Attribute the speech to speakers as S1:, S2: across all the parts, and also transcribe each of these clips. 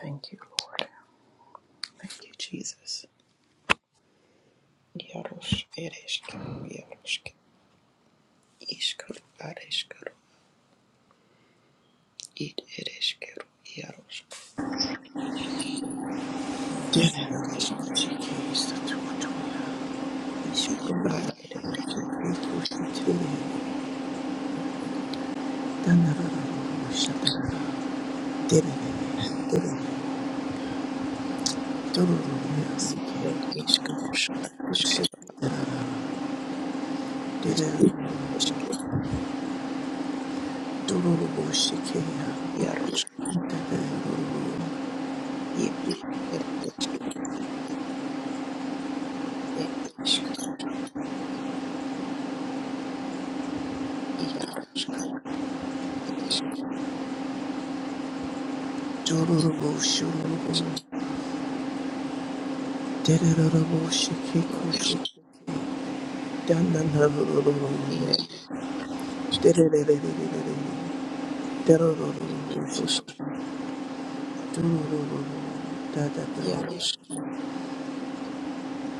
S1: Thank you, Lord. Thank you, Jesus. Yarosh ereshkero, yaroshk, ishkero, areshkero, id ereshkero, yarosh, yarosh ereshkero, ishkero, ad ereshkero,
S2: Da
S1: ed ishkero, areshkero, ishkero, yarosh, id ereshkero, ed ishkero, yarosh, ereshkero, ishkero, yarosh, ishkero, yarosh,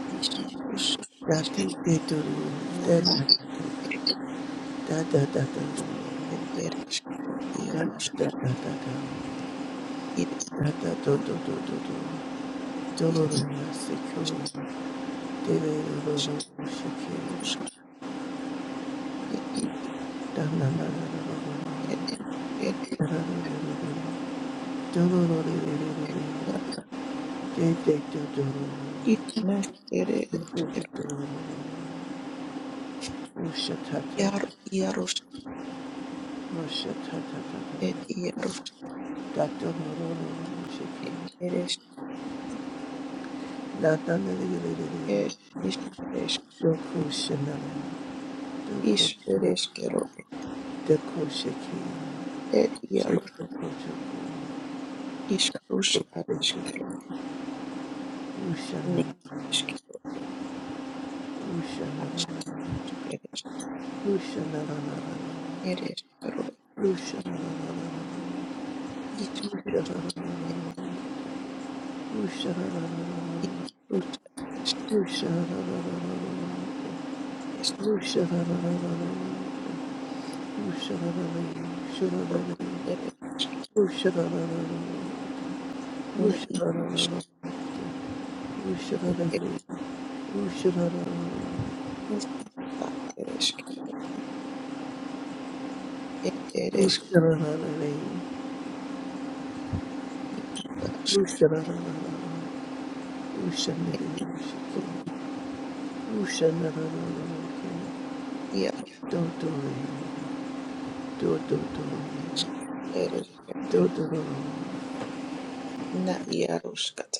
S1: ishkero, ereshkero, na id ereshkero, yarosh. ir
S2: da da da da,
S1: išreiškus
S2: secure.
S1: ir
S2: Shake
S1: ir ir išneš ir išker ir ierus ir ierus ir išker išreišk išreiškero ir ierus iškrus ar iškero ne iškero aš ir ir iškero iškrus ir
S2: Don't do it.
S1: iškrus iškero ir iškero ne iškrus ir iškrus ar iškero Iaroskat, Iarosk et Iaro
S2: Do do do.
S1: isk ereskeru
S2: Do
S1: et
S2: do
S1: na iaroskat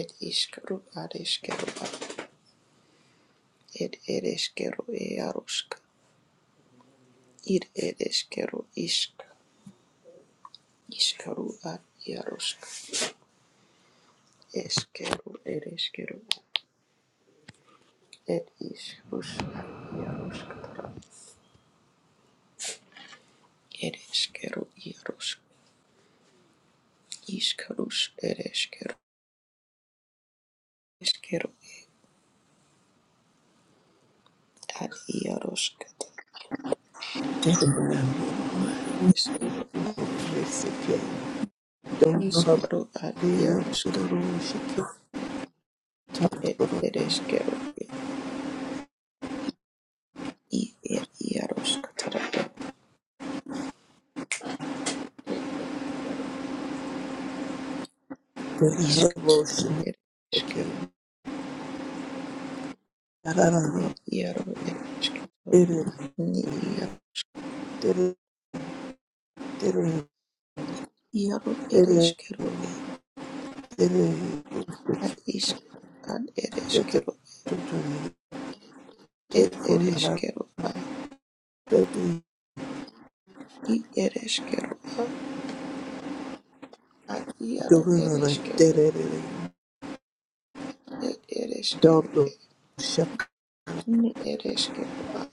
S1: et iskeru areskeru et ereskeru iarosk ir ereskeru isk iskeru ad iarosk eskeru ereskeru et iskerus ad iaroskatra ereskeru iarosk iskerus ereskeru eskeru ad iaroskatra ereskeru
S2: do. Don't do it.
S1: iskeru ad iarosk
S2: Don't
S1: Ed ereskero ed i ed iaroskatara ed ed ed iaro iskaru ad ereskero ed iaro ereskero ni ia iaro ereskero ed ad isk ad ereskero ed ereskero a i ereskero a ad iaro ereskero ed ereskero ed ni ereskero a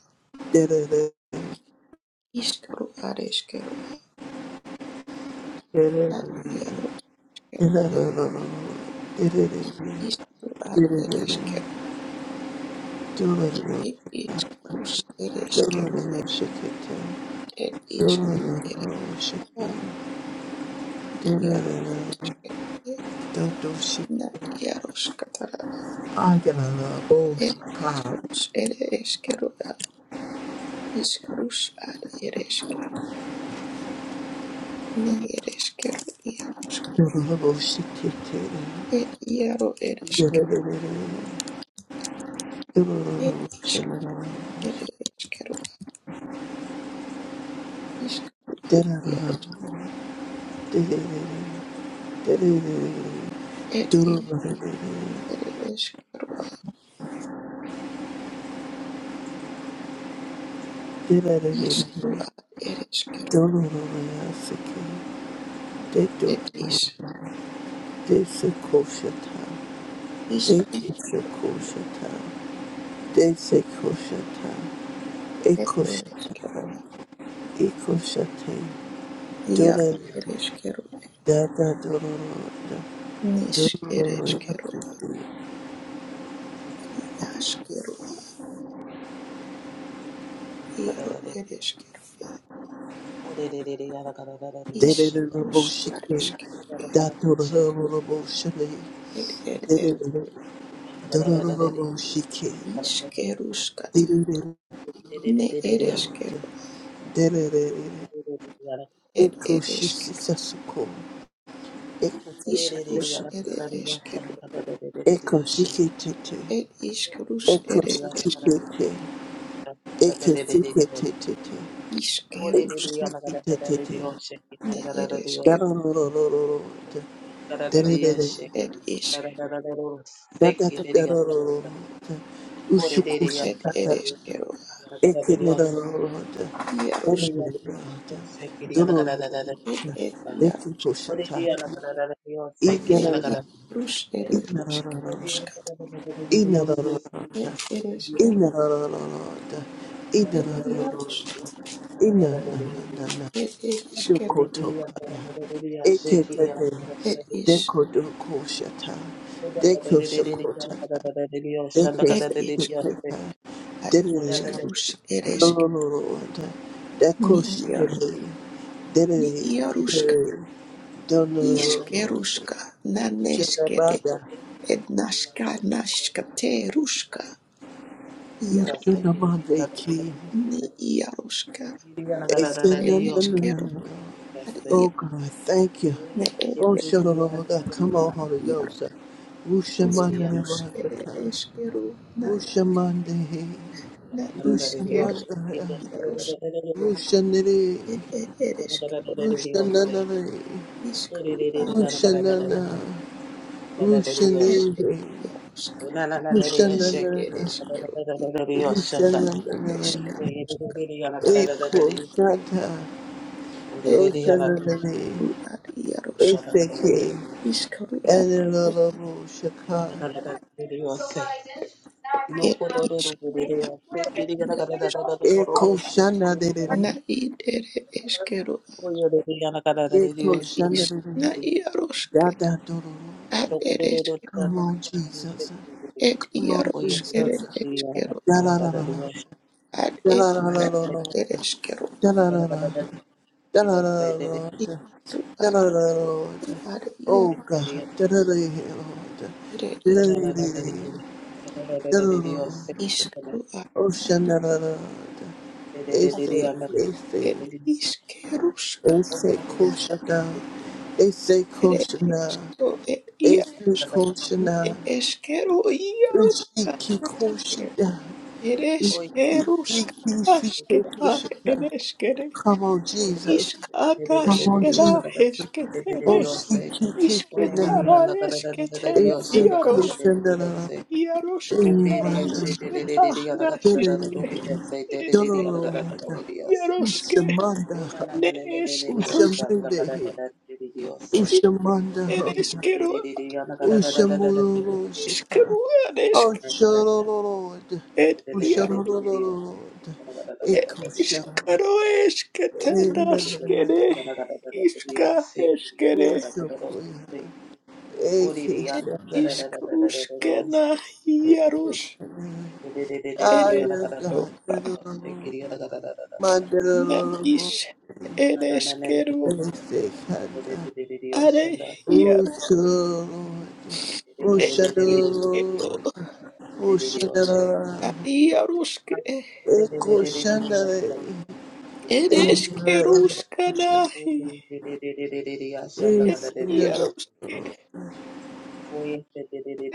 S1: iskaru areskero ad iaro ed iskaru ad ereskero It is cruz eresquero et
S2: Don't
S1: et
S2: They
S1: is cru
S2: say
S1: erega iaro eresquero et na iaros catara et cruz eresquero at is cruz ad eresque ne eresquero iaros et iaro eresque et is eresquero is iaros et is eresquero is cru ad eresquero et is
S2: Koshata,
S1: is
S2: they say Koshata,
S1: et
S2: Ekoshata,
S1: eresquero
S2: Ikoshate,
S1: iaro
S2: Dora,
S1: eresquero
S2: Dada, Dora, Dora,
S1: Nish
S2: Dada, Dora,
S1: ereshkero,
S2: Boshiki,
S1: yashkero,
S3: Thank
S1: yaro ereshkero, ish
S2: Dada, Dora,
S1: rush
S2: Boshiki,
S1: areshkero,
S2: Dada,
S1: ed ed esh,
S2: Dora, Boshiki,
S1: ishkerushkata,
S2: Dada,
S1: ne ereshkero,
S2: Dada,
S1: ed
S2: Ekoshisi
S1: ereshkero,
S2: Sasuko, Ekoshiki
S1: ishkerush ere
S2: Tete,
S1: eshkero,
S2: Ekoshiki Tete,
S1: ed ishkerush ere
S2: Ekoshiki
S1: eshke,
S2: Tete, Ekoshiki Tete,
S1: ishkerush,
S2: Ekoshiki Tete,
S1: ne ereshkero,
S2: Dada, ro,
S1: ed ish,
S2: ro, ro, ro ro,
S3: you. Ore
S2: ushu
S3: de de
S2: kushu
S1: ed
S3: yanda da
S2: ta
S3: da
S2: ta,
S3: de
S1: ereshkero,
S3: yana da da de
S2: eke no da
S3: Dios.
S2: ro ro, ro
S3: Ore de
S2: derere
S1: yarosh,
S3: yana
S2: ro, ro
S3: da se kiri
S2: do
S3: yana
S2: ro,
S3: da
S2: ro
S3: da
S2: ro,
S3: da da.
S2: ushu
S3: da.
S1: ed ed yar,
S2: Eke kushu
S3: Ore de
S2: ta,
S3: yana da da da de Dios se kiri
S1: ed
S3: yana da da. da.
S1: ishkerush ere
S2: Ina ro
S3: Ore
S2: ro,
S3: de yana da
S1: eshkerushkata,
S3: da da da de
S2: ina
S3: Dios
S2: ro
S3: se
S2: ro ro,
S3: kiri
S1: ed
S3: yana da Dios.
S1: ereshkero,
S2: ina ro ro,
S3: Da
S2: ina
S3: da
S1: ed
S2: ro
S3: da da
S2: ro ro
S3: de Dios
S1: yarosh,
S2: ro,
S3: da da
S2: ina ro ro ro, ina
S3: da
S2: na
S3: da de Dios.
S2: na na
S1: It iske,
S3: Ore
S2: Ekenerororo. Dererere.
S3: de yana da da
S2: Dororo.
S3: da de Dios
S2: eke
S3: se
S2: Inerara.
S3: kiri yana
S2: Inerororo. Inerororo. Inerororo. Inerororo.
S3: da
S2: Inerororo.
S3: da
S2: Idokotokaya.
S3: da
S1: it
S3: de
S2: Eketete.
S3: Dios.
S1: is,
S2: Dekodokoshata.
S3: Ore da da da de de de yana da
S2: Dekoshokotata.
S3: da da de Dios shanda da
S1: it
S3: da de
S1: isk,
S3: Dios.
S2: Dekesekuta.
S1: ad
S3: Ore da da da de
S2: Diddly,
S1: iskerus,
S2: Lord, that
S1: ni
S2: cushy
S1: iarus,
S2: diddly,
S1: ni
S2: diddly,
S1: iaruska,
S2: diddly,
S3: de yana da da de Dios. Ore de yana da da.
S2: Donald,
S1: iskeruska, naneskere,
S2: Jabada,
S3: Dios,
S1: ednaska, naska, teruska, iarus,
S2: Ushanamandeki,
S1: ni iaruska, et eskeru,
S2: Asenanana. Oh God, thank you.
S1: ne et
S2: Oh, Shaloroga, come on, Holy
S1: iarus,
S2: Ghost.
S1: iskerus, et
S2: Rushamanarabaka,
S1: eskeru, na,
S2: Rushamandehi,
S1: na iskeru,
S2: Rushananda,
S1: iarus,
S2: Rushaniri,
S1: et et et eskeru,
S2: Rushananari,
S1: iskru, ad
S2: Rushanana.
S1: et
S2: Ushanere,
S1: iarus.
S2: ushananana,
S1: Ed eskero i
S2: ushananana,
S1: eskaruska ed
S2: eko shata,
S1: ed
S2: oshananane,
S1: eru ad iaros
S2: eseke,
S1: iskaru ad es
S2: anilolobo
S3: I am
S2: shaka,
S3: a gardener.
S1: ed is
S2: eko
S1: na
S2: shanadere,
S1: id ere eskero
S3: I am a
S2: eko
S1: ed is na
S2: shanadere,
S1: iaroske
S2: dada doro.
S1: ad ed eske
S2: Come on, Jesus.
S1: ed
S2: Come on,
S1: iaros ere
S2: Jesus.
S1: eskero
S2: Da la la la la.
S3: gardener.
S1: ad
S2: Da
S1: ed
S2: la la
S1: iaros ed eskero
S2: la la la. Da-da-da-da-da.
S1: iskaru ad
S2: Da-da-da-da-da.
S1: eru ad ia
S2: Oh God. Da-da-da-da-da.
S1: ere es
S2: Da-da-da-da-da. Da-da-da-da.
S1: iskaru ad
S2: Oh
S1: na id
S2: shanna-da-da. They say, they say,
S1: ed iskeruska
S2: they say kushana. They say
S1: Ere
S2: kushana.
S1: eskero er
S3: Yes,
S2: They say
S1: iarosk,
S3: Father, we give you
S2: kushana.
S3: the
S1: eskero
S2: Ushiki
S3: praise.
S1: iaroskaske,
S2: kushana.
S1: ere
S3: Oh, yes, we give you
S2: Ushiki
S3: the
S1: eskeruskasketa,
S3: praise.
S1: ere
S2: kushana.
S1: eskere,
S2: Come on,
S3: Oh,
S2: Jesus.
S3: yes, we give you the
S2: Come on,
S3: praise.
S1: iskadaskena
S2: Jesus.
S3: Oh, yes, we give you the
S1: esketene,
S2: Oh, she
S3: praise. Oh, yes, we give you
S1: isketara
S3: the
S1: esketene,
S3: praise.
S2: Ese
S1: iarosk,
S2: kusenderera
S3: Oh,
S1: iarosketara
S2: imana
S3: yes, we give
S1: isketa nasiske,
S2: derere
S1: ere
S3: you
S1: eskero,
S2: dolorosa
S3: the praise.
S1: iaroske,
S2: ushamanda
S3: Oh, na na na
S1: ne
S3: na na na na na oh,
S1: eskerusk,
S3: sha- na na
S2: ushamande
S3: na na na na na na, oh, say.
S2: ushamanda
S1: ere
S3: Yes, we give
S1: eskero,
S3: you the praise. Na na na na na na
S2: ushamuroro shika
S1: iskero, ere
S2: ushamuroro
S1: eskero,
S2: ushamuroro
S3: na na na, oh, say.
S2: ekushara
S1: Ishkaro
S3: Dios,
S2: enenene
S1: esketanaskere, iska eskere,
S2: ushapuya
S1: et
S2: ekisanda
S1: iskruskena hieros
S2: ekisha Ah, yes,
S1: ereskero,
S2: God.
S1: na
S2: Mandalolo
S1: is ereskero,
S2: Sekanda
S1: are hiero,
S2: Ushalo
S1: et iskero,
S2: Ushalo Ushana
S1: hieroske,
S2: Eko Shandale Indra
S1: ereskeruskana, et
S2: Isindala
S1: hieroske,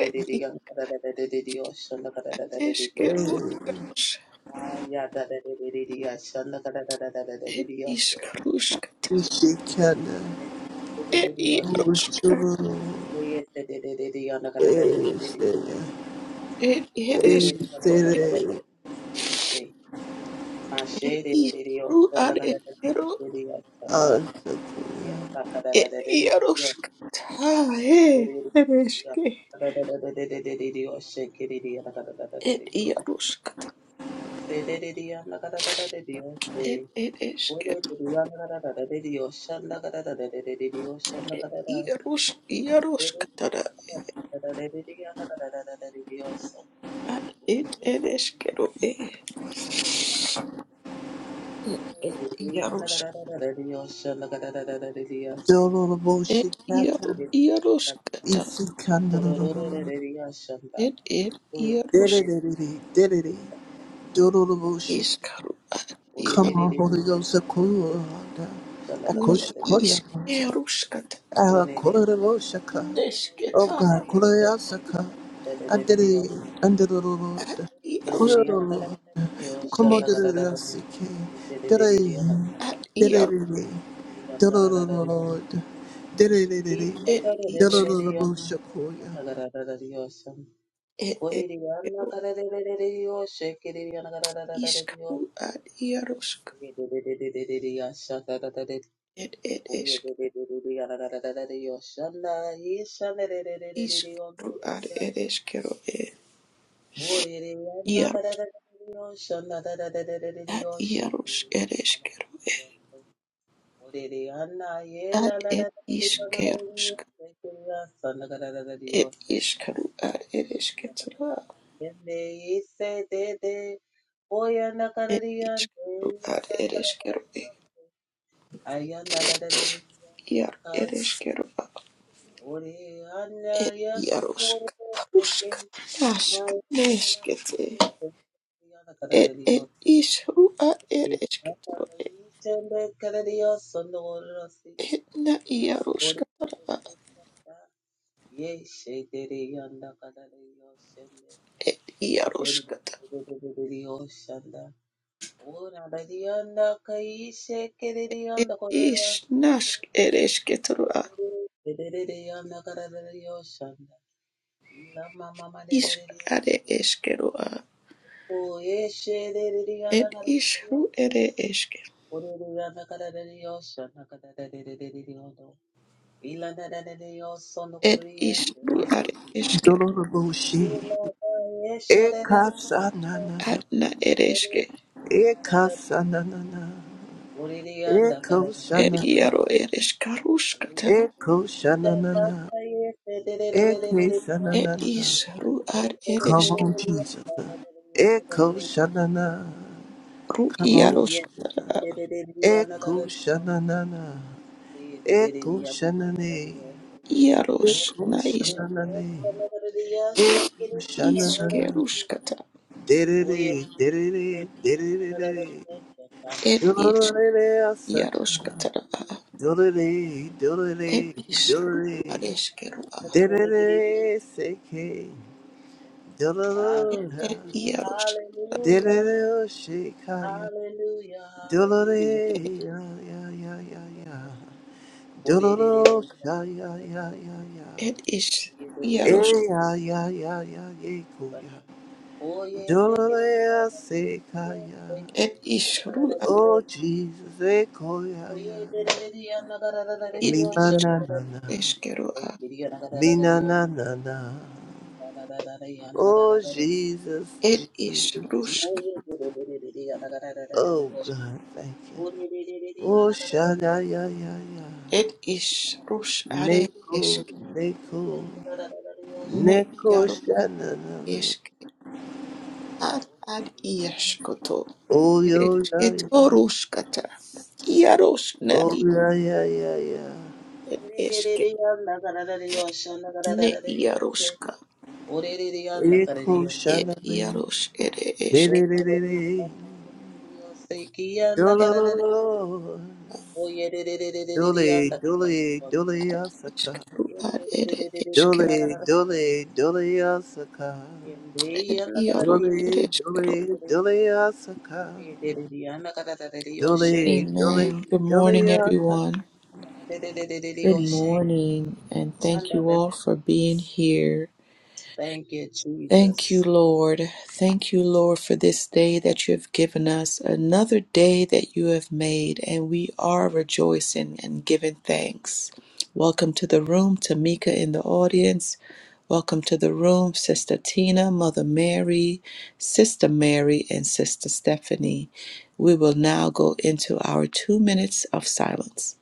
S1: et eskero hieros,
S3: Aya da da da da da da. ashanda da da da da da da. da
S1: et
S3: da
S1: iskrusk,
S2: Ishikana
S1: et
S3: ashanda.
S1: hieroske.
S2: Ushalo
S3: Oye da da da. da da anda da da da da. da da
S2: Esela
S1: Ed
S3: Ore da da
S1: Yaroshkero,
S3: da da. da da da
S2: Esele
S3: da She
S1: Ed
S3: mashe da da. da da
S1: Ishru
S3: ashanda da da da
S1: Areshkero,
S3: da. da ashanda.
S2: Ansaku
S3: Oye saka
S1: Ed
S3: da
S1: Yaroshkata,
S3: Oh,
S1: Ed Ereshke,
S3: yeah, da. da da da da. Ore da da da da da da da da da. She kiri da da da da da da
S1: Ed
S3: da.
S1: Yaroshkata,
S3: Ose da da da anda da da da da da.
S1: Ed
S3: She
S1: Ereshke,
S3: Ore da da da da da da da. Ashanda da da da da da da. Ashanda
S1: Ed
S3: da da.
S1: Yarosh Yaroshkatara, Ed Ereshkero, Ed Ed Yaroshk,
S2: Dolorobo
S1: Ed
S2: Shikata
S1: Yaro Yaroshkata,
S2: Isikanda
S1: Ed Ed Yarosh
S2: Diddity, diddity, doodle
S3: Dios,
S2: shake.
S1: Iskaru, Ed
S2: Come on, Holy Ghost, Akula,
S1: Ni
S2: Akosha Koya,
S1: Iskerushkata,
S2: Akula Roshaka. Oh
S1: Nesketa,
S2: God, Koya Saka. I did it under the Lord.
S1: Ed
S2: Kola the Lord. Come on,
S1: It
S2: diddity, Siki. Diddity,
S1: at Iaro
S2: diddity,
S3: Shanda
S2: diddity, Lord. Diddity, diddity,
S1: it isk
S2: Shakoya.
S1: it it Iaro iskaru at Iarosk it it isk iskaru at it iskero e Iaro at Iaros it iskero e
S3: Orere anna yela
S1: at
S3: la la
S1: it
S3: la di ona kare
S1: iskerosk
S3: se kula sanda kare la la di
S1: it
S3: ose
S1: iskaru at it
S3: kula kare la
S1: isketra
S3: yende ise te te oya na kare
S1: it
S3: di ande
S1: iskaru
S3: oya
S1: at
S3: na
S1: it
S3: kare la
S1: iskero
S3: di
S1: e
S3: ose aya na la la la di ona
S1: Iar it
S3: kare
S1: iskero at
S3: ore anna
S1: it
S3: yasu no
S1: Iarosk
S3: se ke
S1: Rusk
S3: ma
S1: Nask
S3: na na na
S1: Neskete
S3: se ona kare la
S1: Ed
S3: di
S1: ed
S3: ose
S1: ishru a ed
S3: ke na
S1: eskitoro
S3: kare di
S1: ed
S3: ose kare di ose no ro si
S1: ed na
S3: ore
S1: iaroskatara a
S3: ore Yeshendereyanda kadareyosende.
S1: ed iaroskata
S3: Itsendereyosanda. Orarariyanda
S1: ed
S3: kaishekereyanda
S1: is
S3: korerasa.
S1: nask ed eskitoro a
S3: Derereyanda kadareyosanda.
S1: isk
S3: Ilamamamadereriyo.
S1: are eskero a
S3: Oyesherereyanda
S1: ed ishru
S3: kadareyose.
S1: ere eske
S3: Orereyanda kadareyosanda kadarerereriyodo.
S1: ed
S3: Ilanadadereyosondokoreriyete.
S1: ishru are eskero
S2: Dolorobushi.
S3: Ilayeshererere.
S2: Ekasa
S1: ad na ere eske
S2: Eka sananana,
S3: Oye,
S2: eko
S1: ed
S2: shana,
S1: iaro ere eskaruskata
S2: eko shananana, eke
S1: ed
S2: sananana.
S1: ishru ar ere
S2: Come
S1: eske
S2: on, Jesus. Eko shanana,
S1: ru
S2: come on,
S1: iaroska
S2: Jesus.
S1: a
S2: Eko shananana, eko shanane,
S1: iaros
S2: eko
S1: na is
S2: shananane, eko shananana.
S1: iskeruskata
S2: Derere, derere, derere, derere, asata.
S1: Yaroshkatara
S2: Dorere,
S1: et
S2: dorere,
S1: ish
S2: dorere.
S1: Areshkeru
S2: Derere seke, dolorosa,
S1: et
S3: Hallelujah,
S1: Yarosh
S3: hallelujah,
S2: derere shekaya,
S3: hallelujah, hallelujah.
S2: dolore ya ya ya ya ya,
S3: Oh de- de- de- de- de-
S2: dolorosa ya ya
S3: Oh,
S2: ya ya, ya,
S1: et ish
S3: yeah!
S2: e
S1: Yarosh
S2: ya
S3: oyededededede,
S2: ya ya ya yeko ya,
S3: sana.
S2: dolore ya
S3: Oyendekedeyana,
S2: sekaya,
S1: et
S3: oyekedeyana,
S1: ish Ru
S3: kadadadadiyo,
S2: oh Jesus eko ya ya ya,
S3: oyededededeyana,
S1: et
S2: mi
S3: kadadadadiyo,
S2: na na na na,
S3: shanadadadiyo,
S1: Ishkeru
S3: oyekedeyana,
S2: mi na
S3: kadadadadiyo,
S2: na na na,
S3: kadadadadadeyana,
S2: oh
S3: kadadadadadiyo,
S2: Jesus
S1: et ish
S2: Jesus, Jesus.
S1: Rushk
S3: oyededededeyana,
S2: oh
S3: kadadadadadiyo,
S2: God thank you. Oh,
S3: orededededeyana, kadadadadadiyo.
S2: shada ya ya ya.
S1: et ish Rush Are
S2: Neko,
S1: Eshk
S2: neko,
S1: ne
S2: neko
S1: Yaro
S2: shana na me.
S1: esk ad ad Yashkoto
S2: Oh, yo la
S1: Ereshketo
S2: ya.
S1: Rushkata Yarosh na
S2: Oh, la ya ya ya.
S1: et Eshke ne Yaroshka
S2: Eko
S1: et
S2: shana me.
S1: Yarosh ere
S2: De
S1: Eshke
S2: de de de de. Dolo lo lo lo. Dole, dole, dole asaka.
S1: Ishkaru ad ere ishkaru
S2: Dole, dole, dole asaka.
S1: ed iaru ed
S2: Dole,
S1: ishkaru.
S2: dole, dole asaka. Dole,
S1: Amen.
S2: dole,
S1: Good
S2: dole
S1: morning,
S2: asaka.
S1: everyone. Good morning, and thank you all for being here.
S3: Thank you,
S1: Thank you,
S3: Jesus.
S1: Lord. Thank you, Lord, for this day that you have given us, another day that you have made, and we are rejoicing and giving thanks. Welcome to the room, Tamika in the audience. Welcome to the room, Sister Tina, Mother Mary, Sister Mary, and Sister Stephanie. We will now go into our two minutes of silence.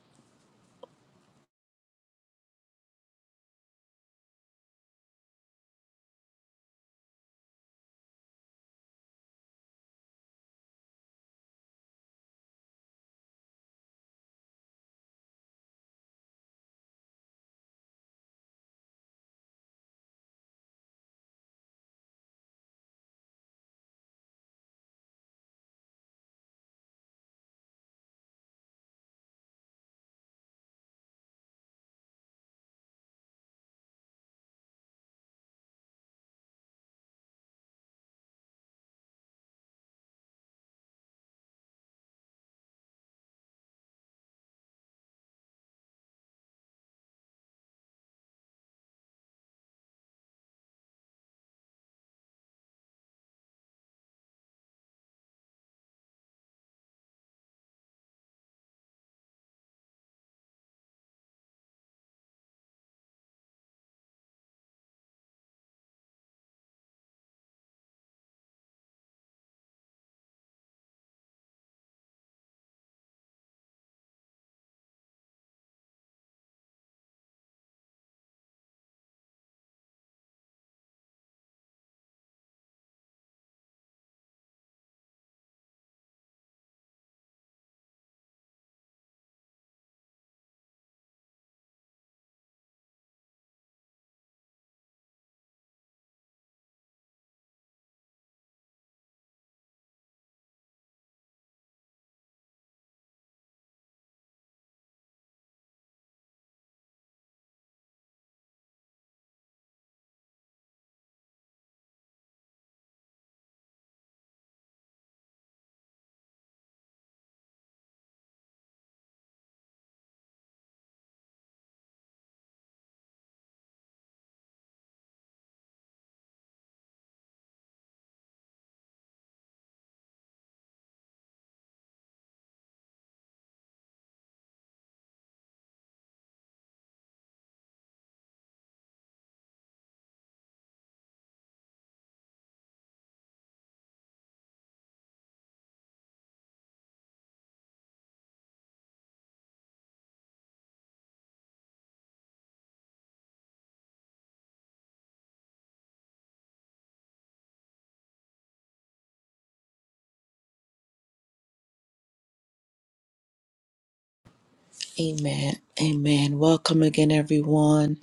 S1: Amen. Amen. Welcome again, everyone.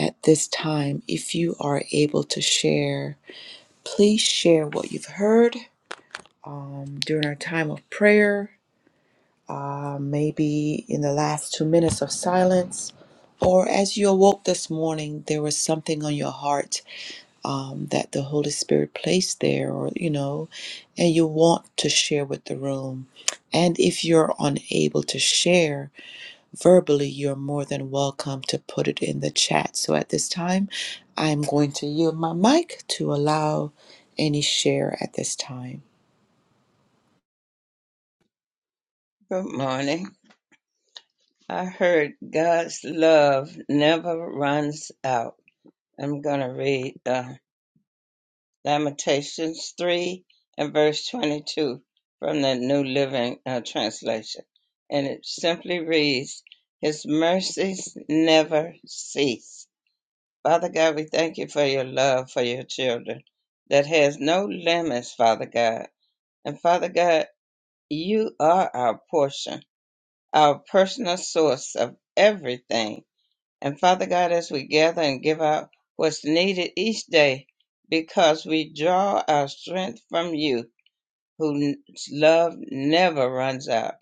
S1: At this time, if you are able to share, Please share what you've heard um, during our time of prayer, uh, maybe in the last two minutes of silence, or as you awoke this morning, there was something on your heart um, that the Holy Spirit placed there, or you know, and you want to share with the room. And if you're unable to share, verbally, you're more than welcome to put it in the chat. So at this time, I'm going to yield my mic to allow any share at this time.
S4: Good morning. I heard God's love never runs out. I'm going to read uh, Lamentations 3 and verse 22 from the New Living uh, Translation. And it simply reads, His mercies never cease. Father God, we thank you for your love for your children that has no limits, Father God. And Father God, you are our portion, our personal source of everything And Father God, as we gather and give out what's needed each day, because we draw our strength from you, whose love never runs out.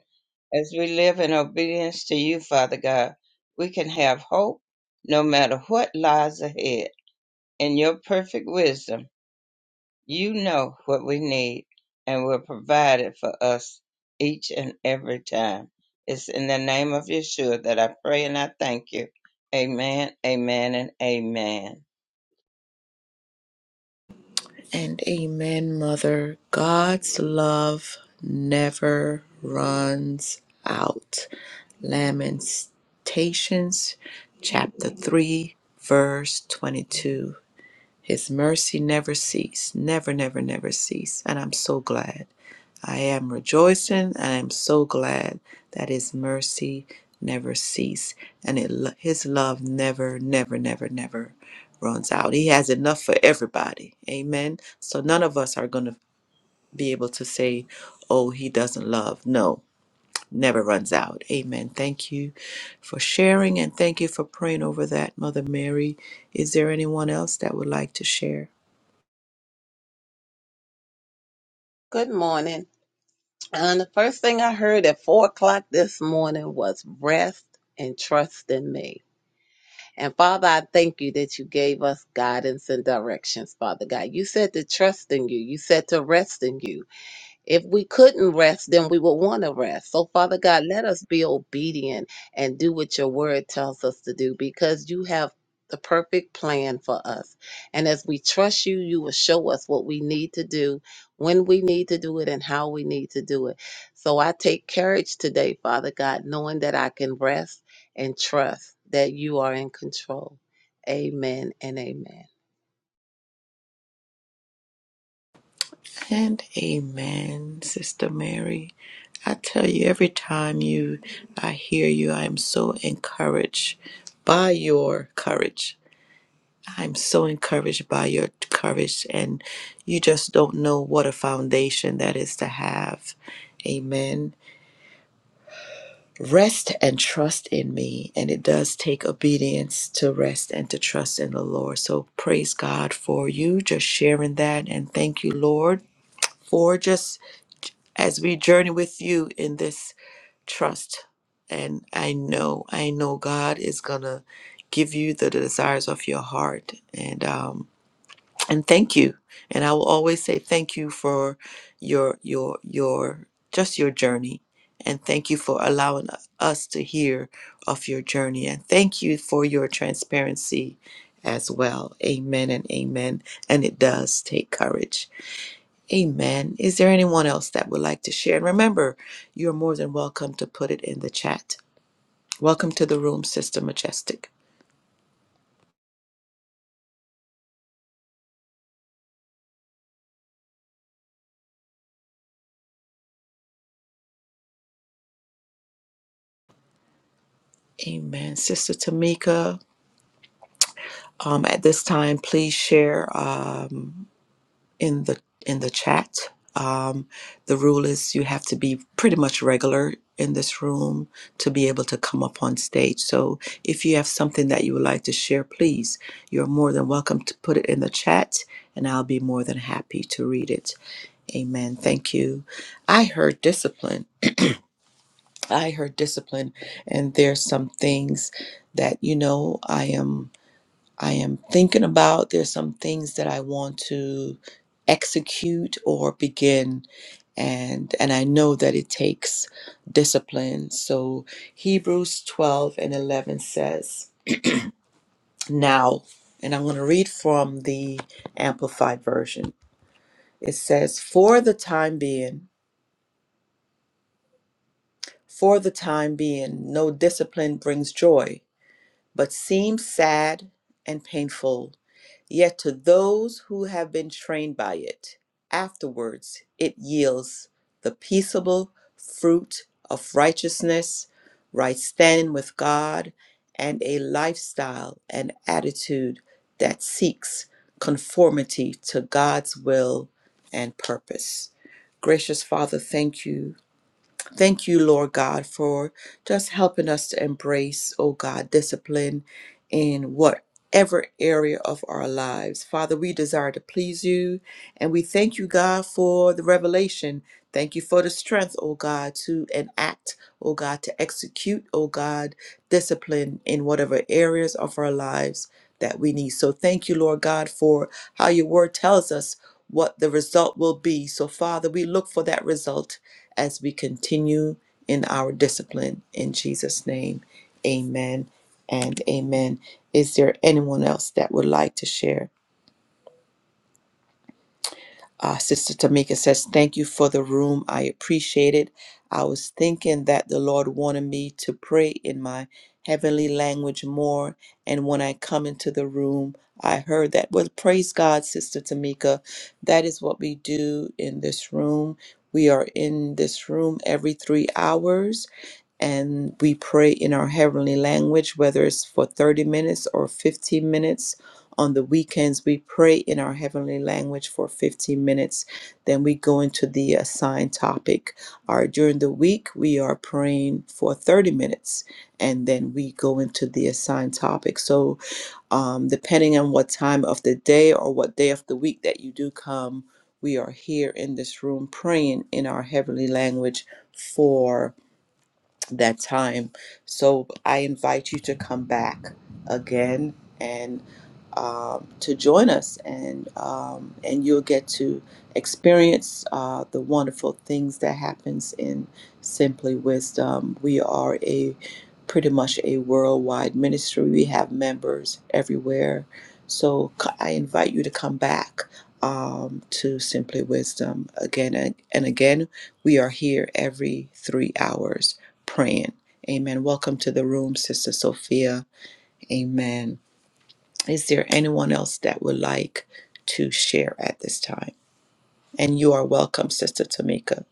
S4: As we live in obedience to you, Father God, we can have hope no matter what lies ahead. In your perfect wisdom, you know what we need and will provide it for us each and every time. It's in the name of Yeshua that I pray and I thank you. Amen, amen, and amen.
S1: And amen, Mother. God's love never runs out. Lamentations chapter 3, verse 22. His mercy never cease, never, never, never cease. And I'm so glad. I am rejoicing and I am so glad that his mercy never cease and it, lo- his love never, never, never, never runs out. He has enough for everybody. Amen. So none of us are going to be able to say, oh, he doesn't love. No, never runs out. Amen. Thank you for sharing and thank you for praying over that, Mother Mary. Is there anyone else that would like to share?
S3: Good morning. And the first thing I heard at four o'clock this morning was rest and trust in me. And Father, I thank you that you gave us guidance and directions, Father God. You said to trust in you. You said to rest in you. If we couldn't rest, then we would want to rest. So, Father God, let us be obedient and do what your word tells us to do because you have the perfect plan for us. And as we trust you, you will show us what we need to do, when we need to do it, and how we need to do it. So, I take courage today, Father God, knowing that I can rest and trust that you are in control. Amen and amen.
S1: And amen, Sister Mary. I tell you, every time you, I hear you, I am so encouraged by your courage. I'm so encouraged by your courage, and you just don't know what a foundation that is to have. Amen. Rest and trust in me, and it does take obedience to rest and to trust in the Lord. So praise God for you just sharing that, and thank you, Lord, for just as we journey with you in this trust. And I know, I know God is going to give you the desires of your heart. And, um, and thank you. And I will always say thank you for your, your, your, just your journey. And thank you for allowing us to hear of your journey. And thank you for your transparency as well. Amen and amen. And it does take courage. Amen. Is there anyone else that would like to share? And remember, you're more than welcome to put it in the chat. Welcome to the room, Sister Majestic. Amen. Sister Tamika, um, at this time, please share um, in the in the chat. Um, the rule is you have to be pretty much regular in this room to be able to come up on stage. So if you have something that you would like to share, please, you're more than welcome to put it in the chat, and I'll be more than happy to read it. Amen. Thank you. I heard discipline. I heard discipline and there's some things that you know I am I am thinking about. There's some things that I want to execute or begin and and I know that it takes discipline. So Hebrews 12 and 11 says, "Now, and I'm going to read from the amplified version. It says, "For the time being, For the time being, no discipline brings joy, but seems sad and painful. Yet to those who have been trained by it, afterwards it yields the peaceable fruit of righteousness, right standing with God, and a lifestyle and attitude that seeks conformity to God's will and purpose. Gracious Father, thank you Thank you, Lord God, for just helping us to embrace, oh God, discipline in whatever area of our lives. Father, we desire to please you and we thank you, God, for the revelation. Thank you for the strength, oh God, to enact, oh God, to execute, oh God, discipline in whatever areas of our lives that we need. So thank you, Lord God, for how your word tells us what the result will be. So, Father, we look for that result as we continue in our discipline. In Jesus' name, amen and amen. Is there anyone else that would like to share? Uh, Sister Tamika says, Thank you for the room. I appreciate it. I was thinking that the Lord wanted me to pray in my heavenly language more. And when I come into the room, I heard that. Well, praise God, Sister Tamika. That is what we do in this room. We are in this room every three hours and we pray in our heavenly language, whether it's for 30 minutes or 15 minutes on the weekends, we pray in our heavenly language for 15 minutes. Then we go into the assigned topic. Or during the week, we are praying for 30 minutes and then we go into the assigned topic. So, um, depending on what time of the day or what day of the week that you do come, we are here in this room praying in our heavenly language for that time. So I invite you to come back again and um, to join us, and um, and you'll get to experience uh, the wonderful things that happens in Simply Wisdom. We are a pretty much a worldwide ministry. We have members everywhere. So c- I invite you to come back um, to Simply Wisdom again and, and again. We are here every three hours praying. Amen. Welcome to the room, Sister Sophia. Amen. Is there anyone else that would like to share at this time? And you are welcome, Sister Tamika.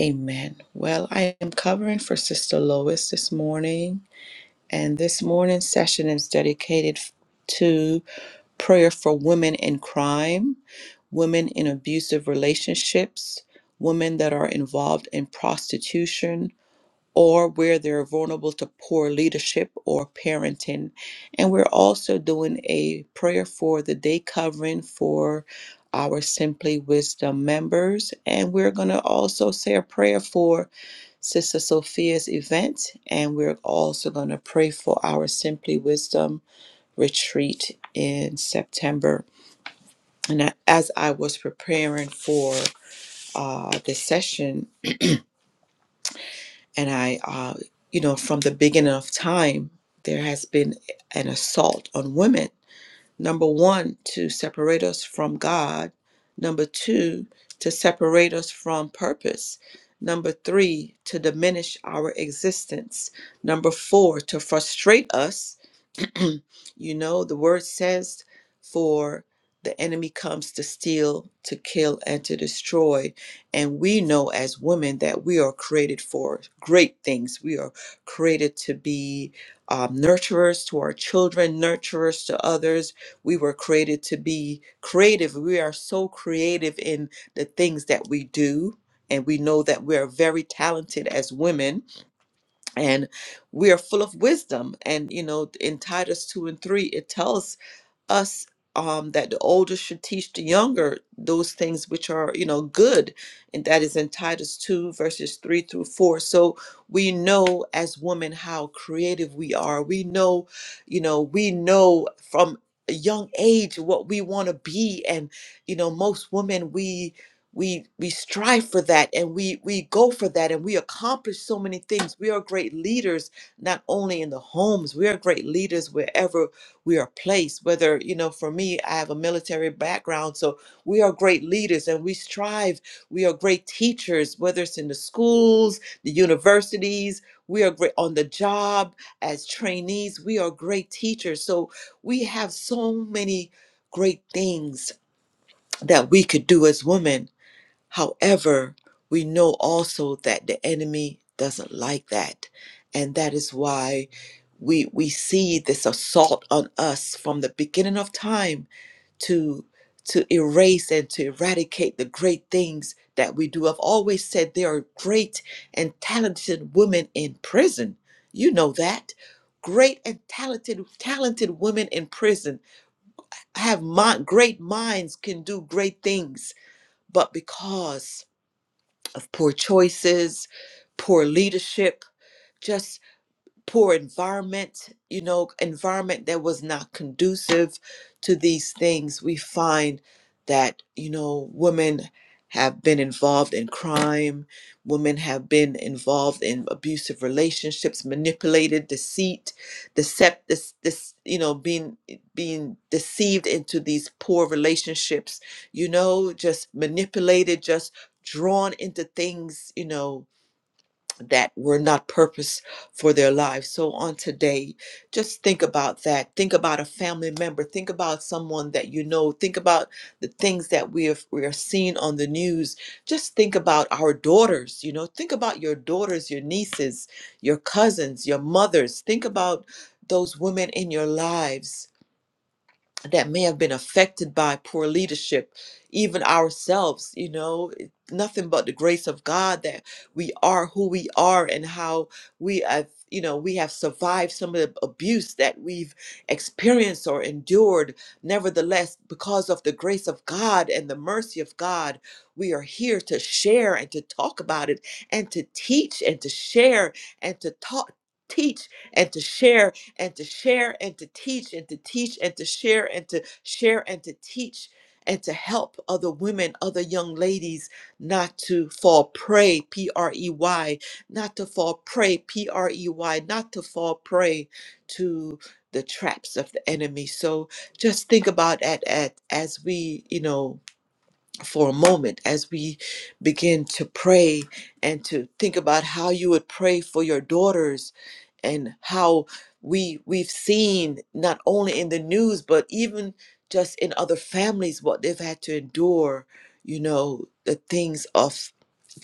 S1: Amen. Well, I am covering for Sister Lois this morning, and this morning's session is dedicated f- to prayer for women in crime, women in abusive relationships, women that are involved in prostitution, or where they're vulnerable to poor leadership or parenting. And we're also doing a prayer for the day covering for our Simply Wisdom members. And we're going to also say a prayer for Sister Sophia's event. And we're also going to pray for our Simply Wisdom retreat in September. And I- as I was preparing for uh, this session, and I, uh, you know, from the beginning of time, there has been an assault on women. Number one, to separate us from God. Number two, to separate us from purpose. Number three, to diminish our existence. Number four, to frustrate us. you know, the word says, for the enemy comes to steal, to kill, and to destroy. And we know as women that we are created for great things. We are created to be um, nurturers to our children, nurturers to others. We were created to be creative. We are so creative in the things that we do. And we know that we are very talented as women and we are full of wisdom and you know in titus 2 and 3 it tells us um, that the older should teach the younger those things which are you know good and that is in titus 2 verses 3 through 4 so we know as women how creative we are we know you know we know from a young age what we want to be and you know most women we we we strive for that and we we go for that and we accomplish so many things we are great leaders not only in the homes we are great leaders wherever we are placed whether you know for me i have a military background so we are great leaders and we strive we are great teachers whether it's in the schools the universities we are great on the job as trainees we are great teachers so we have so many great things that we could do as women However, we know also that the enemy doesn't like that. And that is why we we see this assault on us from the beginning of time to to erase and to eradicate the great things that we do. I've always said there are great and talented women in prison. You know that. Great and talented talented women in prison have mi- great minds can do great things, but because of poor choices, poor leadership, just poor environment, you know, environment that was not conducive to these things. We find that, you know, women have been involved in crime, women have been involved in abusive relationships, manipulated, deceit, decept this this you know, being being deceived into these poor relationships, you know, just manipulated, just drawn into things, you know, that were not purpose for their lives. So on today, just think about that. Think about a family member. Think about someone that you know. Think about the things that we have we are seeing on the news. Just think about our daughters, you know. Think about your daughters, your nieces, your cousins, your mothers. Think about those women in your lives that may have been affected by poor leadership, even ourselves, you know, it- nothing but the grace of God that we are who we are and how we have, you know, we have survived some of the abuse that we've experienced or endured. Nevertheless, because of the grace of God and the mercy of God, we are here to share and to talk about it and to teach and to share and to talk. Teach and to share and to share and to teach and to teach and to share and to share and to teach and to help other women, other young ladies not to fall prey, P R E Y, not to fall prey, P R E Y, not to fall prey to the traps of the enemy. So just think about that at, as we, you know, for a moment as we begin to pray and to think about how you would pray for your daughters and how we we've seen not only in the news but even just in other families what they've had to endure you know the things of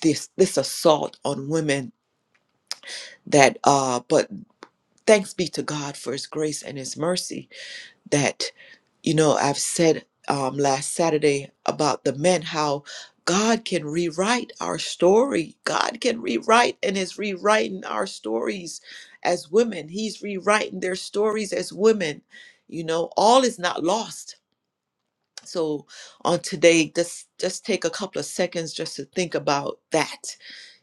S1: this this assault on women that uh but thanks be to God for his grace and his mercy that you know i've said um, last saturday about the men how god can rewrite our story god can rewrite and is rewriting our stories as women he's rewriting their stories as women you know all is not lost so on today, just just take a couple of seconds just to think about that.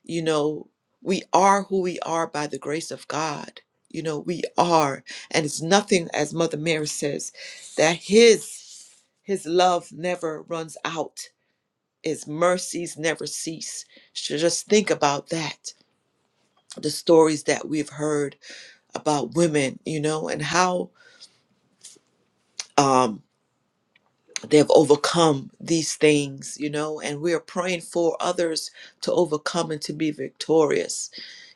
S1: You know, we are who we are by the grace of God. You know, we are, and it's nothing, as Mother Mary says, that His His love never runs out. His mercies never cease. So just think about that. The stories that we've heard about women, you know, and how um, but they have overcome these things, you know, and we are praying for others to overcome and to be victorious,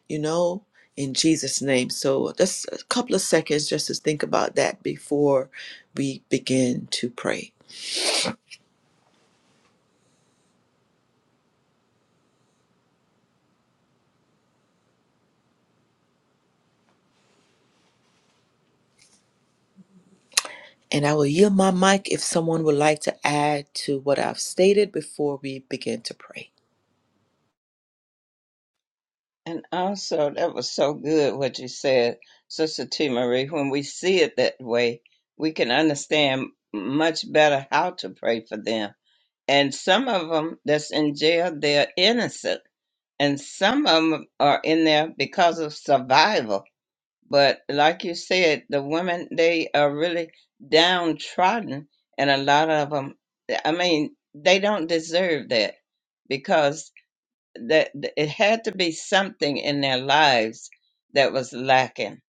S1: you know, in Jesus' name. So that's a couple of seconds just to think about that before we begin to pray. And I will yield my mic if someone would like to add to what I've stated before we begin to pray.
S4: And also, that was so good what you said, Sister T. Marie. When we see it that way, we can understand much better how to pray for them. And some of them that's in jail, they're innocent. And some of them are in there because of survival But like you said, the women, they are really downtrodden. And a lot of them, I mean, they don't deserve that because that th- it had to be something in their lives that was lacking,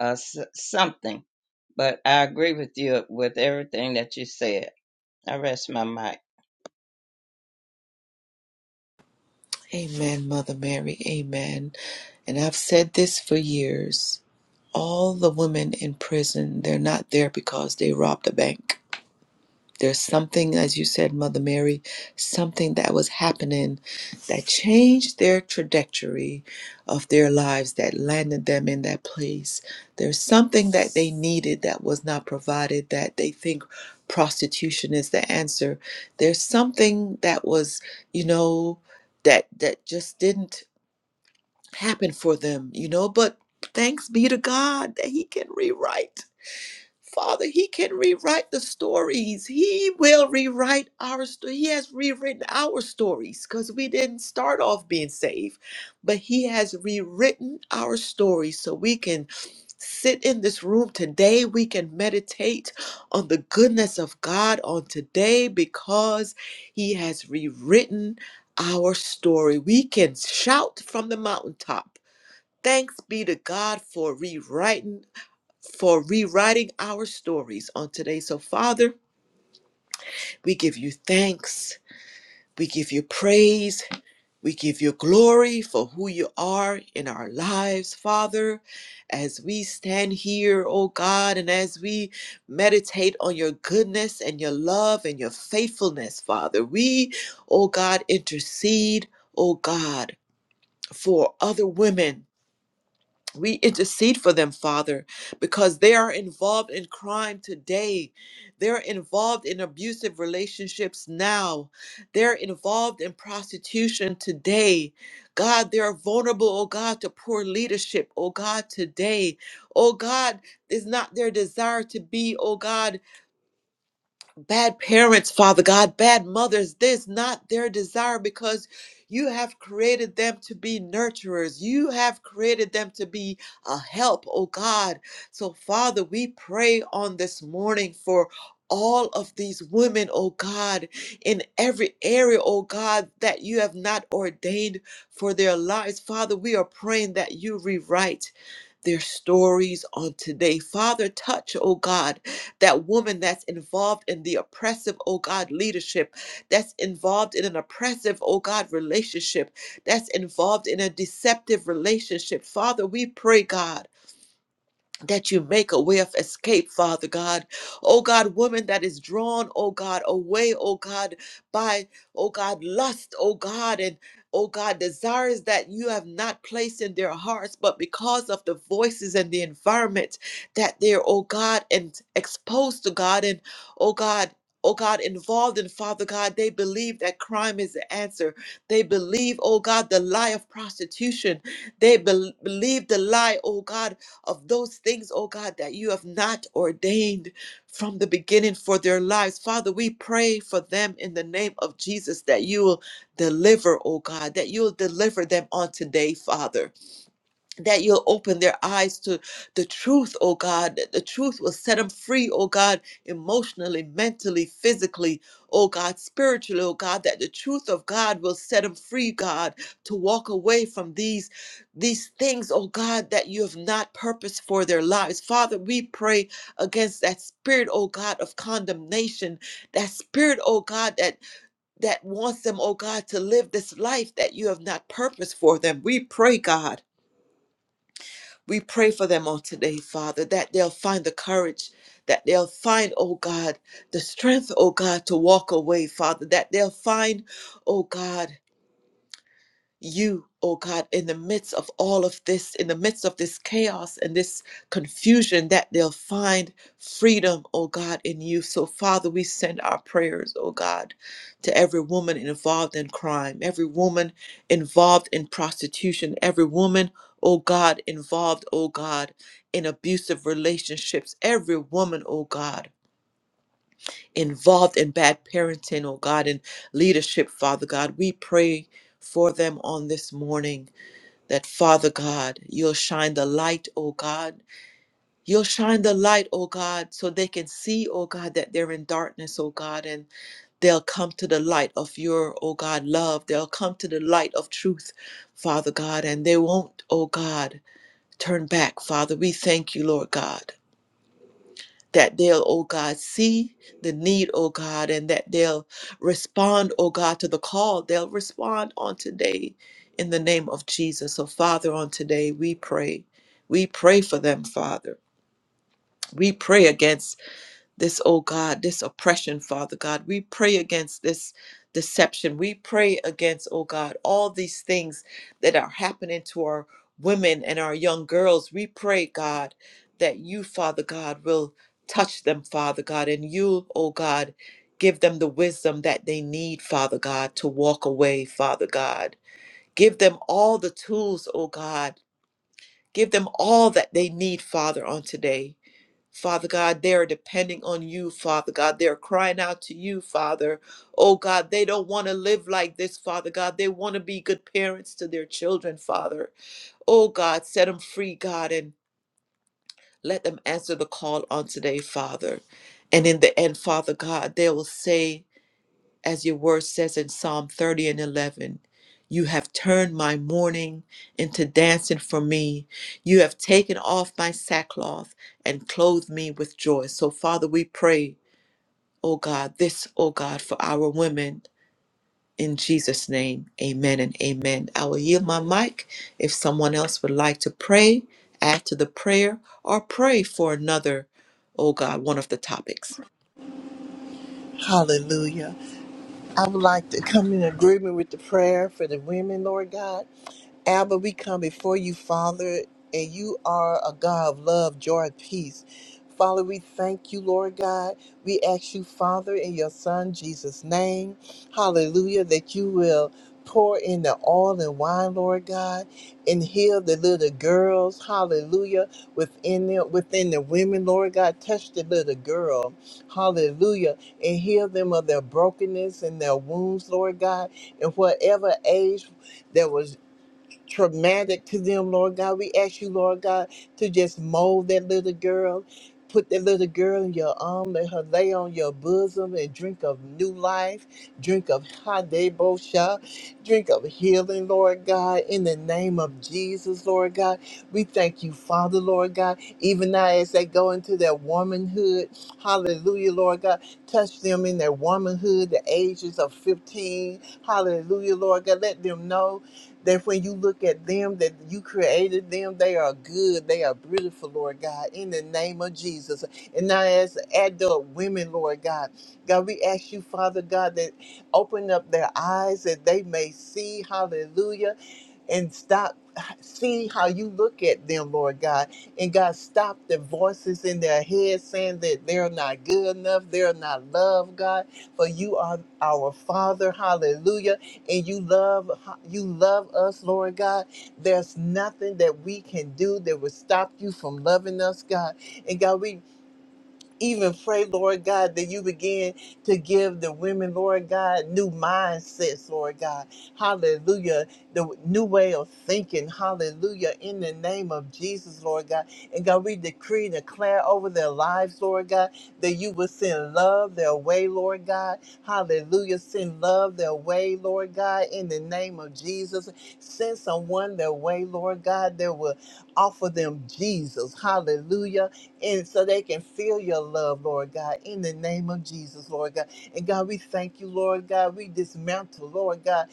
S4: uh, s- something. But I agree with you with everything that you said. I rest my mic.
S1: Amen, Mother Mary. Amen. And I've said this for years. All the women in prison, they're not there because they robbed a bank. There's something, as you said, Mother Mary, something that was happening that changed their trajectory of their lives, that landed them in that place. There's something that they needed that was not provided, that they think prostitution is the answer. There's something that was, you know, that that just didn't happen for them, you know, but thanks be to God that he can rewrite Father, He can rewrite the stories. He will rewrite our story. He has rewritten our stories because we didn't start off being saved, but He has rewritten our stories so we can sit in this room today. We can meditate on the goodness of God on today because He has rewritten our story. We can shout from the mountaintop. Thanks be to God for rewriting for rewriting our stories on today. So, Father, we give you thanks. We give you praise. We give you glory for who you are in our lives, Father. As we stand here, oh God, and as we meditate on your goodness and your love and your faithfulness, Father, we, oh God, intercede, oh God, for other women We intercede for them, Father, because they are involved in crime today. They're involved in abusive relationships now. They're involved in prostitution today. God, they're vulnerable, oh God, to poor leadership, oh God, today. Oh God, it's not their desire to be, oh God bad parents, Father God, bad mothers, this not their desire because you have created them to be nurturers. You have created them to be a help, oh God. So, Father, we pray on this morning for all of these women, oh God, in every area, oh God, that you have not ordained for their lives. Father, we are praying that you rewrite their stories on today. Father, touch, oh God that woman that's involved in the oppressive, oh God, leadership, that's involved in an oppressive, oh God, relationship, that's involved in a deceptive relationship. Father, we pray, God that you make a way of escape, Father God. Oh God, woman that is drawn, oh God, away, oh God, by, oh God, lust, oh God, and oh God, desires that you have not placed in their hearts, but because of the voices and the environment that they're, oh God, and exposed to God, and oh God, Oh God, involved in Father God, they believe that crime is the answer. They believe, oh God, the lie of prostitution. They bel believe the lie, oh God, of those things, oh God, that you have not ordained from the beginning for their lives. Father, we pray for them in the name of Jesus that you will deliver, oh God, that you will deliver them on today, Father that you'll open their eyes to the truth, oh God, that the truth will set them free, oh God, emotionally, mentally, physically, oh God, spiritually, oh God, that the truth of God will set them free, God, to walk away from these these things, oh God, that you have not purposed for their lives. Father, we pray against that spirit, oh God, of condemnation, that spirit, oh God, that that wants them, oh God, to live this life that you have not purposed for them. We pray, God we pray for them on today, Father, that they'll find the courage, that they'll find, oh God, the strength, oh God, to walk away, Father, that they'll find, oh God, you, oh God, in the midst of all of this, in the midst of this chaos and this confusion, that they'll find freedom, oh God, in you. So, Father, we send our prayers, oh God, to every woman involved in crime, every woman involved in prostitution, every woman, oh God, involved, oh God, in abusive relationships, every woman, oh God. Involved in bad parenting, oh God, in leadership, Father God. We pray for them on this morning that Father God, you'll shine the light, oh God. You'll shine the light, oh God, so they can see, oh God, that they're in darkness, oh God, and they'll come to the light of your, oh God, love. They'll come to the light of truth, Father God, and they won't, oh God, turn back, Father. We thank you, Lord God that they'll, oh God, see the need, oh God, and that they'll respond, oh God, to the call. They'll respond on today in the name of Jesus. So, Father, on today, we pray. We pray for them, Father. We pray against this, oh God, this oppression, Father God. We pray against this deception. We pray against, oh God, all these things that are happening to our women and our young girls. We pray, God, that you, Father God, will touch them, Father God, and you, oh God, give them the wisdom that they need, Father God, to walk away, Father God. Give them all the tools, oh God. Give them all that they need, Father, on today. Father God, they're depending on you, Father God. They're crying out to you, Father. Oh God, they don't want to live like this, Father God. They want to be good parents to their children, Father. Oh God, set them free, God, and let them answer the call on today, Father. And in the end, Father God, they will say, as your word says in Psalm 30 and 11. You have turned my mourning into dancing for me. You have taken off my sackcloth and clothed me with joy. So, Father, we pray, oh God, this, oh God, for our women. In Jesus' name, amen and amen. I will yield my mic if someone else would like to pray, add to the prayer, or pray for another, oh God, one of the topics.
S2: Hallelujah. I would like to come in agreement with the prayer for the women, Lord God. Abba, we come before you, Father, and you are a God of love, joy, and peace. Father, we thank you, Lord God. We ask you, Father, in your Son Jesus' name, hallelujah, that you will pour in the oil and wine, Lord God, and heal the little girls, hallelujah, within them, within the women, Lord God. Touch the little girl, hallelujah, and heal them of their brokenness and their wounds, Lord God, and whatever age. That was traumatic to them, Lord God. We ask you, Lord God, to just mold that little girl. Put that little girl in your arm, let her lay on your bosom and drink of new life, drink of Hadebosha, drink of healing, Lord God, in the name of Jesus, Lord God. We thank you, Father, Lord God. Even now, as they go into their womanhood, hallelujah, Lord God, touch them in their womanhood, the ages of 15, hallelujah, Lord God. Let them know that when you look at them, that you created them, they are good, they are beautiful, Lord God, in the name of Jesus. And now, as adult women, Lord God, God, we ask you, Father God, that open up their eyes that they may see, hallelujah and stop see how you look at them lord god and god stop the voices in their head saying that they're not good enough they're not loved god for you are our father hallelujah and you love you love us lord god there's nothing that we can do that would stop you from loving us god and god we even pray, Lord God, that you begin to give the women, Lord God, new mindsets, Lord God. Hallelujah. The new way of thinking. Hallelujah. In the name of Jesus, Lord God. And God, we decree and declare over their lives, Lord God, that you will send love their way, Lord God. Hallelujah. Send love their way, Lord God, in the name of Jesus. Send someone their way, Lord God, that will offer them Jesus. Hallelujah and so they can feel your love, Lord God, in the name of Jesus, Lord God. And God, we thank you, Lord God. We dismantle, Lord God.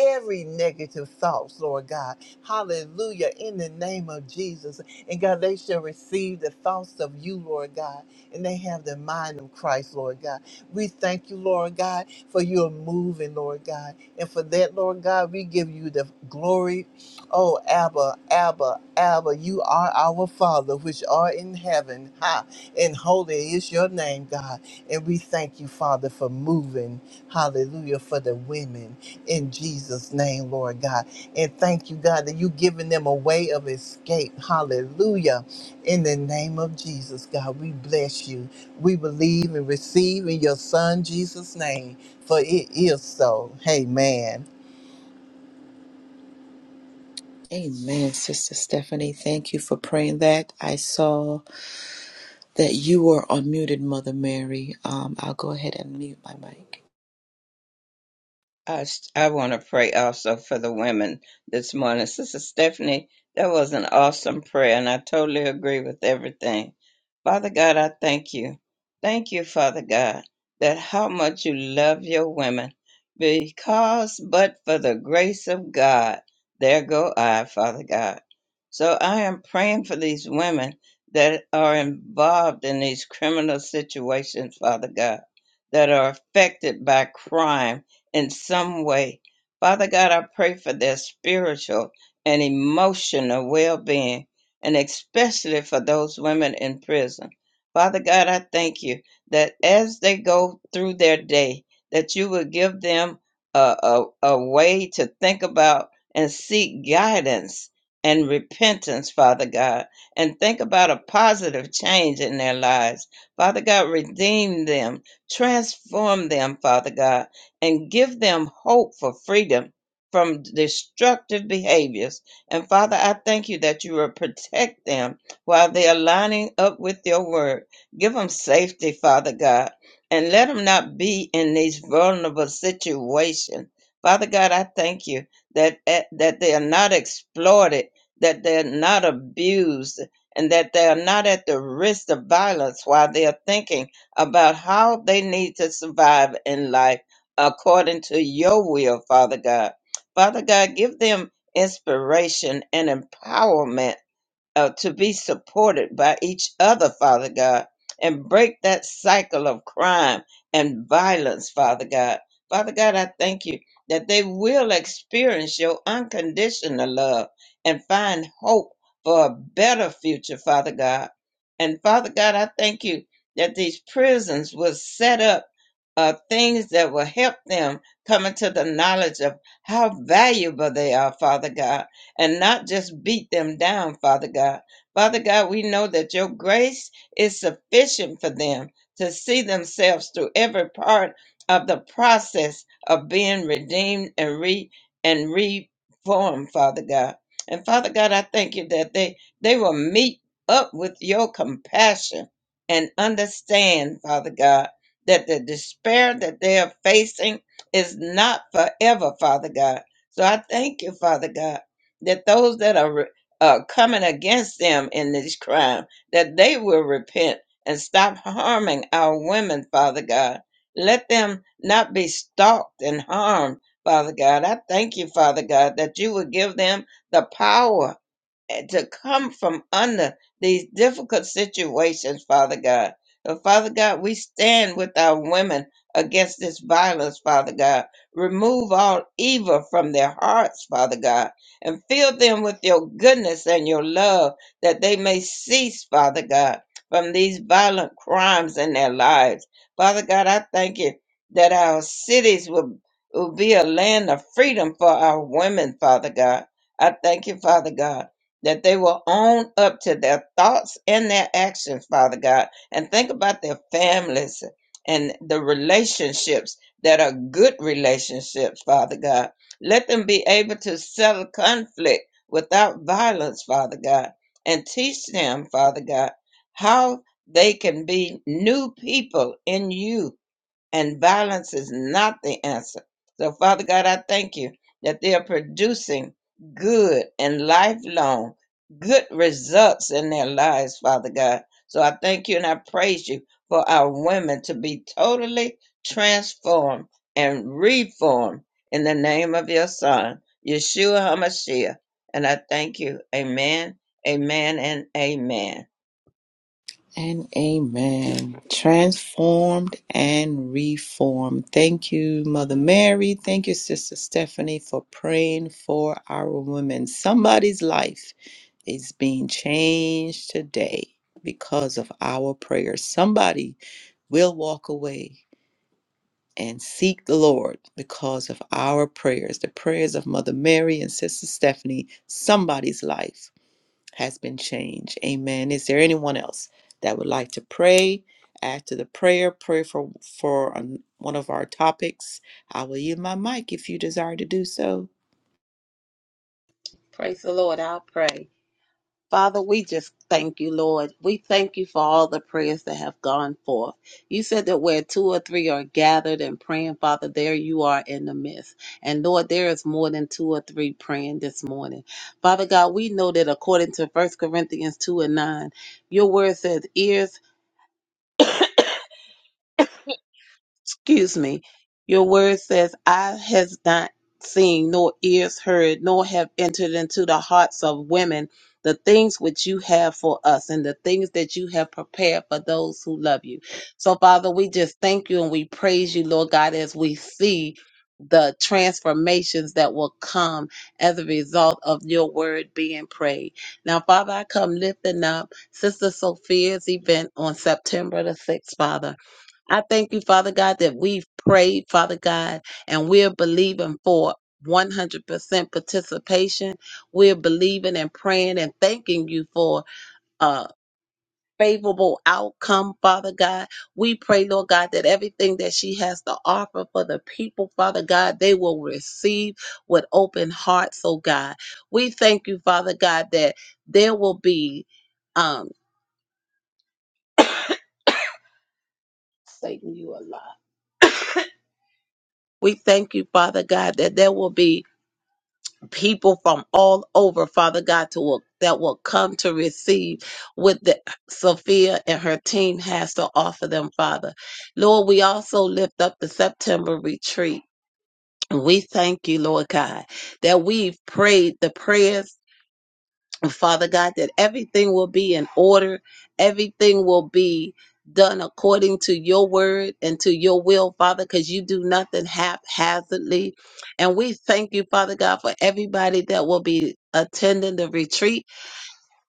S2: Every negative thoughts, Lord God. Hallelujah. In the name of Jesus. And God, they shall receive the thoughts of you, Lord God. And they have the mind of Christ, Lord God. We thank you, Lord God, for your moving, Lord God. And for that, Lord God, we give you the glory, Oh, Abba, Abba, Abba, you are our Father, which are in heaven. Ha! And holy is your name, God. And we thank you, Father, for moving. Hallelujah, for the women in Jesus' name, Lord God. And thank you, God, that you've given them a way of escape. Hallelujah. In the name of Jesus, God, we bless you. We believe and receive in your Son, Jesus' name, for it is so. Amen.
S1: Amen, Sister Stephanie. Thank you for praying that. I saw that you were unmuted, Mother Mary. Um, I'll go ahead and mute my mic.
S4: I, s- I want to pray also for the women this morning. Sister Stephanie, that was an awesome prayer, and I totally agree with everything. Father God, I thank you. Thank you, Father God, that how much you love your women. Because but for the grace of God, there go I, Father God. So I am praying for these women that are involved in these criminal situations, Father God, that are affected by crime in some way. Father God, I pray for their spiritual and emotional well being, and especially for those women in prison. Father God, I thank you that as they go through their day, that you will give them a, a, a way to think about and seek guidance and repentance, Father God, and think about a positive change in their lives. Father God, redeem them, transform them, Father God and give them hope for freedom from destructive behaviors. And Father, I thank you that you will protect them while they are lining up with your word. Give them safety, Father God, and let them not be in these vulnerable situations. Father God, I thank you that eh, that they are not exploited, that they are not abused, and that they are not at the risk of violence while they are thinking about how they need to survive in life according to your will, Father God. Father God, give them inspiration and empowerment uh, to be supported by each other, Father God, and break that cycle of crime and violence, Father God. Father God, I thank you that they will experience your unconditional love and find hope for a better future, Father God. And Father God, I thank you that these prisons will set up uh, things that will help them come into the knowledge of how valuable they are, Father God and not just beat them down, Father God. Father God, we know that your grace is sufficient for them to see themselves through every part of the process of being redeemed and re and reformed, Father God. And Father God, I thank you that they they will meet up with your compassion and understand, Father God, that the despair that they are facing is not forever, Father God. So I thank you, Father God that those that are re- uh, coming against them in this crime, that they will repent and stop harming our women, Father God. Let them not be stalked and harmed, Father God. I thank you, Father God, that you would give them the power and to come from under these difficult situations, Father God. So, Father God, we stand with our women against this violence, Father God. Remove all evil from their hearts, Father God, and fill them with your goodness and your love that they may cease, Father God, from these violent crimes in their lives. Father God, I thank you that our cities will, will be a land of freedom for our women, Father God. I thank you, Father God that they will own up to their thoughts and their actions, Father God, and think about their families and the relationships that are good relationships, Father God. Let them be able to settle conflict without violence, Father God, and teach them, Father God, how they can be new people in you and violence is not the answer. So, Father God, I thank you that they are producing good and lifelong good results in their lives, Father God. So, I thank you and I praise you for our women to be totally transformed and reformed in the name of your Son, Yeshua HaMashiach. And I thank you. Amen, amen, and amen.
S1: And amen. Transformed and reformed. Thank you, Mother Mary. Thank you, Sister Stephanie, for praying for our women. Somebody's life is being changed today because of our prayers. Somebody will walk away and seek the Lord because of our prayers, the prayers of Mother Mary and Sister Stephanie. Somebody's life has been changed. Amen. Is there anyone else that would like to pray? After the prayer, pray for for um, one of our topics. I will yield my mic if you desire to do so.
S3: Praise the Lord. I'll pray. Father, we just thank you, Lord. We thank you for all the prayers that have gone forth. You said that where two or three are gathered and praying, Father, there you are in the midst. And Lord, there is more than two or three praying this morning. Father God, we know that according to First Corinthians 2 and 9, your word says, ears excuse me, your word says, I has not seen, nor ears heard, nor have entered into the hearts of women the things which you have for us and the things that you have prepared for those who love you. So, Father, we just thank you and we praise you, Lord God, as we see the transformations that will come as a result of your word being prayed. Now, Father, I come lifting up Sister Sophia's event on September the 6th, Father. I thank you, Father God, that we've prayed, Father God, and we're believing for 100% participation. We're believing and praying and thanking you for a favorable outcome, Father God. We pray, Lord God, that everything that she has to offer for the people, Father God, they will receive with open hearts, oh God. We thank you, Father God, that there will be, um, Satan, you a lie. We thank you, Father God, that there will be people from all over, Father God, to will, that will come to receive what the, Sophia and her team has to offer them, Father. Lord, we also lift up the September retreat. We thank you, Lord God, that we've prayed the prayers Father God, that everything will be in order, everything will be done according to your word and to your will, Father, because you do nothing haphazardly. And we thank you, Father God, for everybody that will be attending the retreat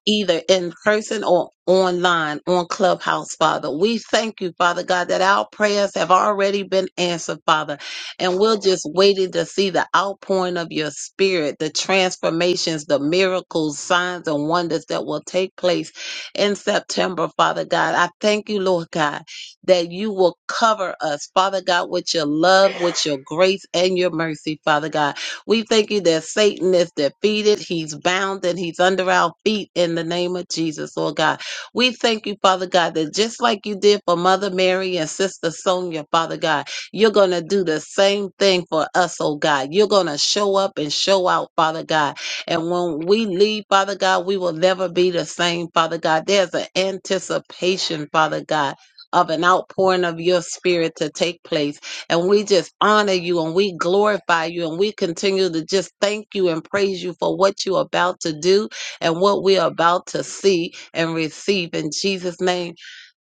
S3: either in person or online on Clubhouse, Father. We thank you, Father God, that our prayers have already been answered, Father. And we're just waiting to see the outpouring of your spirit, the transformations, the miracles, signs, and wonders that will take place in September, Father God. I thank you, Lord God, that you will cover us, Father God, with your love, with your grace, and your mercy, Father God. We thank you that Satan is defeated. He's bound and he's under our feet in the name of Jesus, Lord God. We thank you, Father God, that just like you did for Mother Mary and Sister Sonia, Father God, you're going to do the same thing for us, oh God. You're going to show up and show out, Father God. And when we leave, Father God, we will never be the same, Father God. There's an anticipation, Father God. Of an outpouring of your spirit to take place. And we just honor you and we glorify you and we continue to just thank you and praise you for what you're about to do and what we're about to see and receive. In Jesus' name,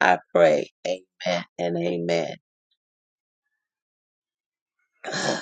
S3: I pray. Amen and amen.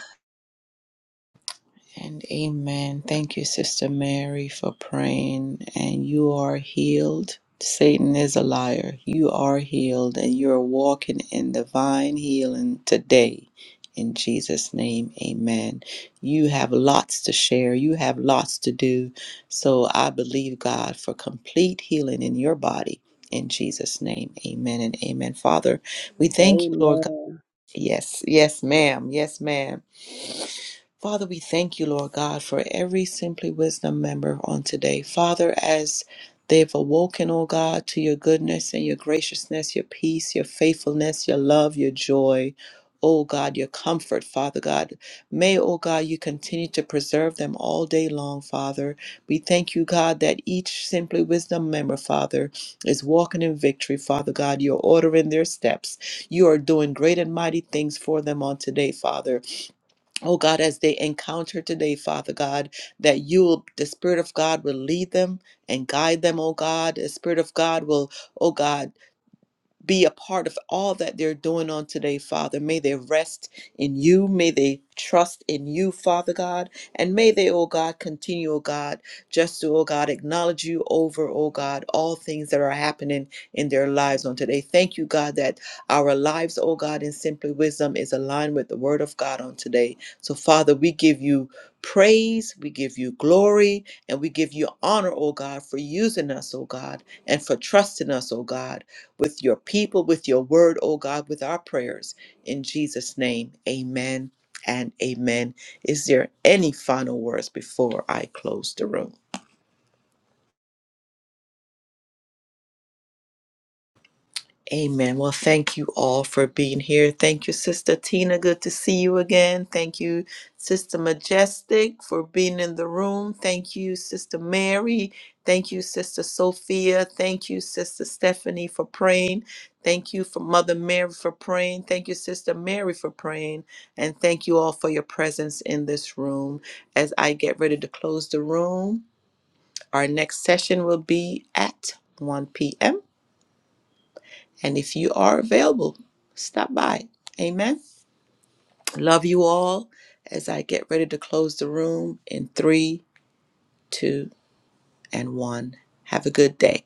S1: And amen. Thank you, Sister Mary, for praying. And you are healed. Satan is a liar. You are healed, and you are walking in divine healing today. In Jesus' name, amen. You have lots to share. You have lots to do. So I believe God for complete healing in your body. In Jesus' name, amen and amen. Father, we thank you, Lord God.
S3: Amen.
S1: Yes, yes, ma'am. Yes, ma'am. Father, we thank you, Lord God, for every Simply Wisdom member on today. Father, as they've awoken, oh God, to your goodness and your graciousness, your peace, your faithfulness, your love, your joy. Oh God, your comfort, Father God. May, oh God, you continue to preserve them all day long, Father. We thank you, God, that each Simply Wisdom member, Father, is walking in victory, Father God. You're ordering their steps. You are doing great and mighty things for them on today, Father. Oh God, as they encounter today, Father God, that you will, the Spirit of God will lead them and guide them, oh God. The Spirit of God will, oh God be a part of all that they're doing on today, Father. May they rest in you. May they trust in you, Father God. And may they, oh God, continue, oh God, just to, oh God, acknowledge you over, oh God, all things that are happening in their lives on today. Thank you, God, that our lives, oh God, in simply wisdom is aligned with the word of God on today. So, Father, we give you praise, we give you glory, and we give you honor, oh God, for using us, oh God, and for trusting us, oh God with your people, with your word, oh God, with our prayers. In Jesus' name, amen and amen. Is there any final words before I close the room? Amen. Well, thank you all for being here. Thank you, Sister Tina. Good to see you again. Thank you, Sister Majestic, for being in the room. Thank you, Sister Mary. Thank you, Sister Sophia. Thank you, Sister Stephanie, for praying. Thank you for Mother Mary for praying. Thank you, Sister Mary, for praying. And thank you all for your presence in this room. As I get ready to close the room, our next session will be at 1 p.m. And if you are available, stop by. Amen. Love you all as I get ready to close the room in three, two, and one. Have a good day.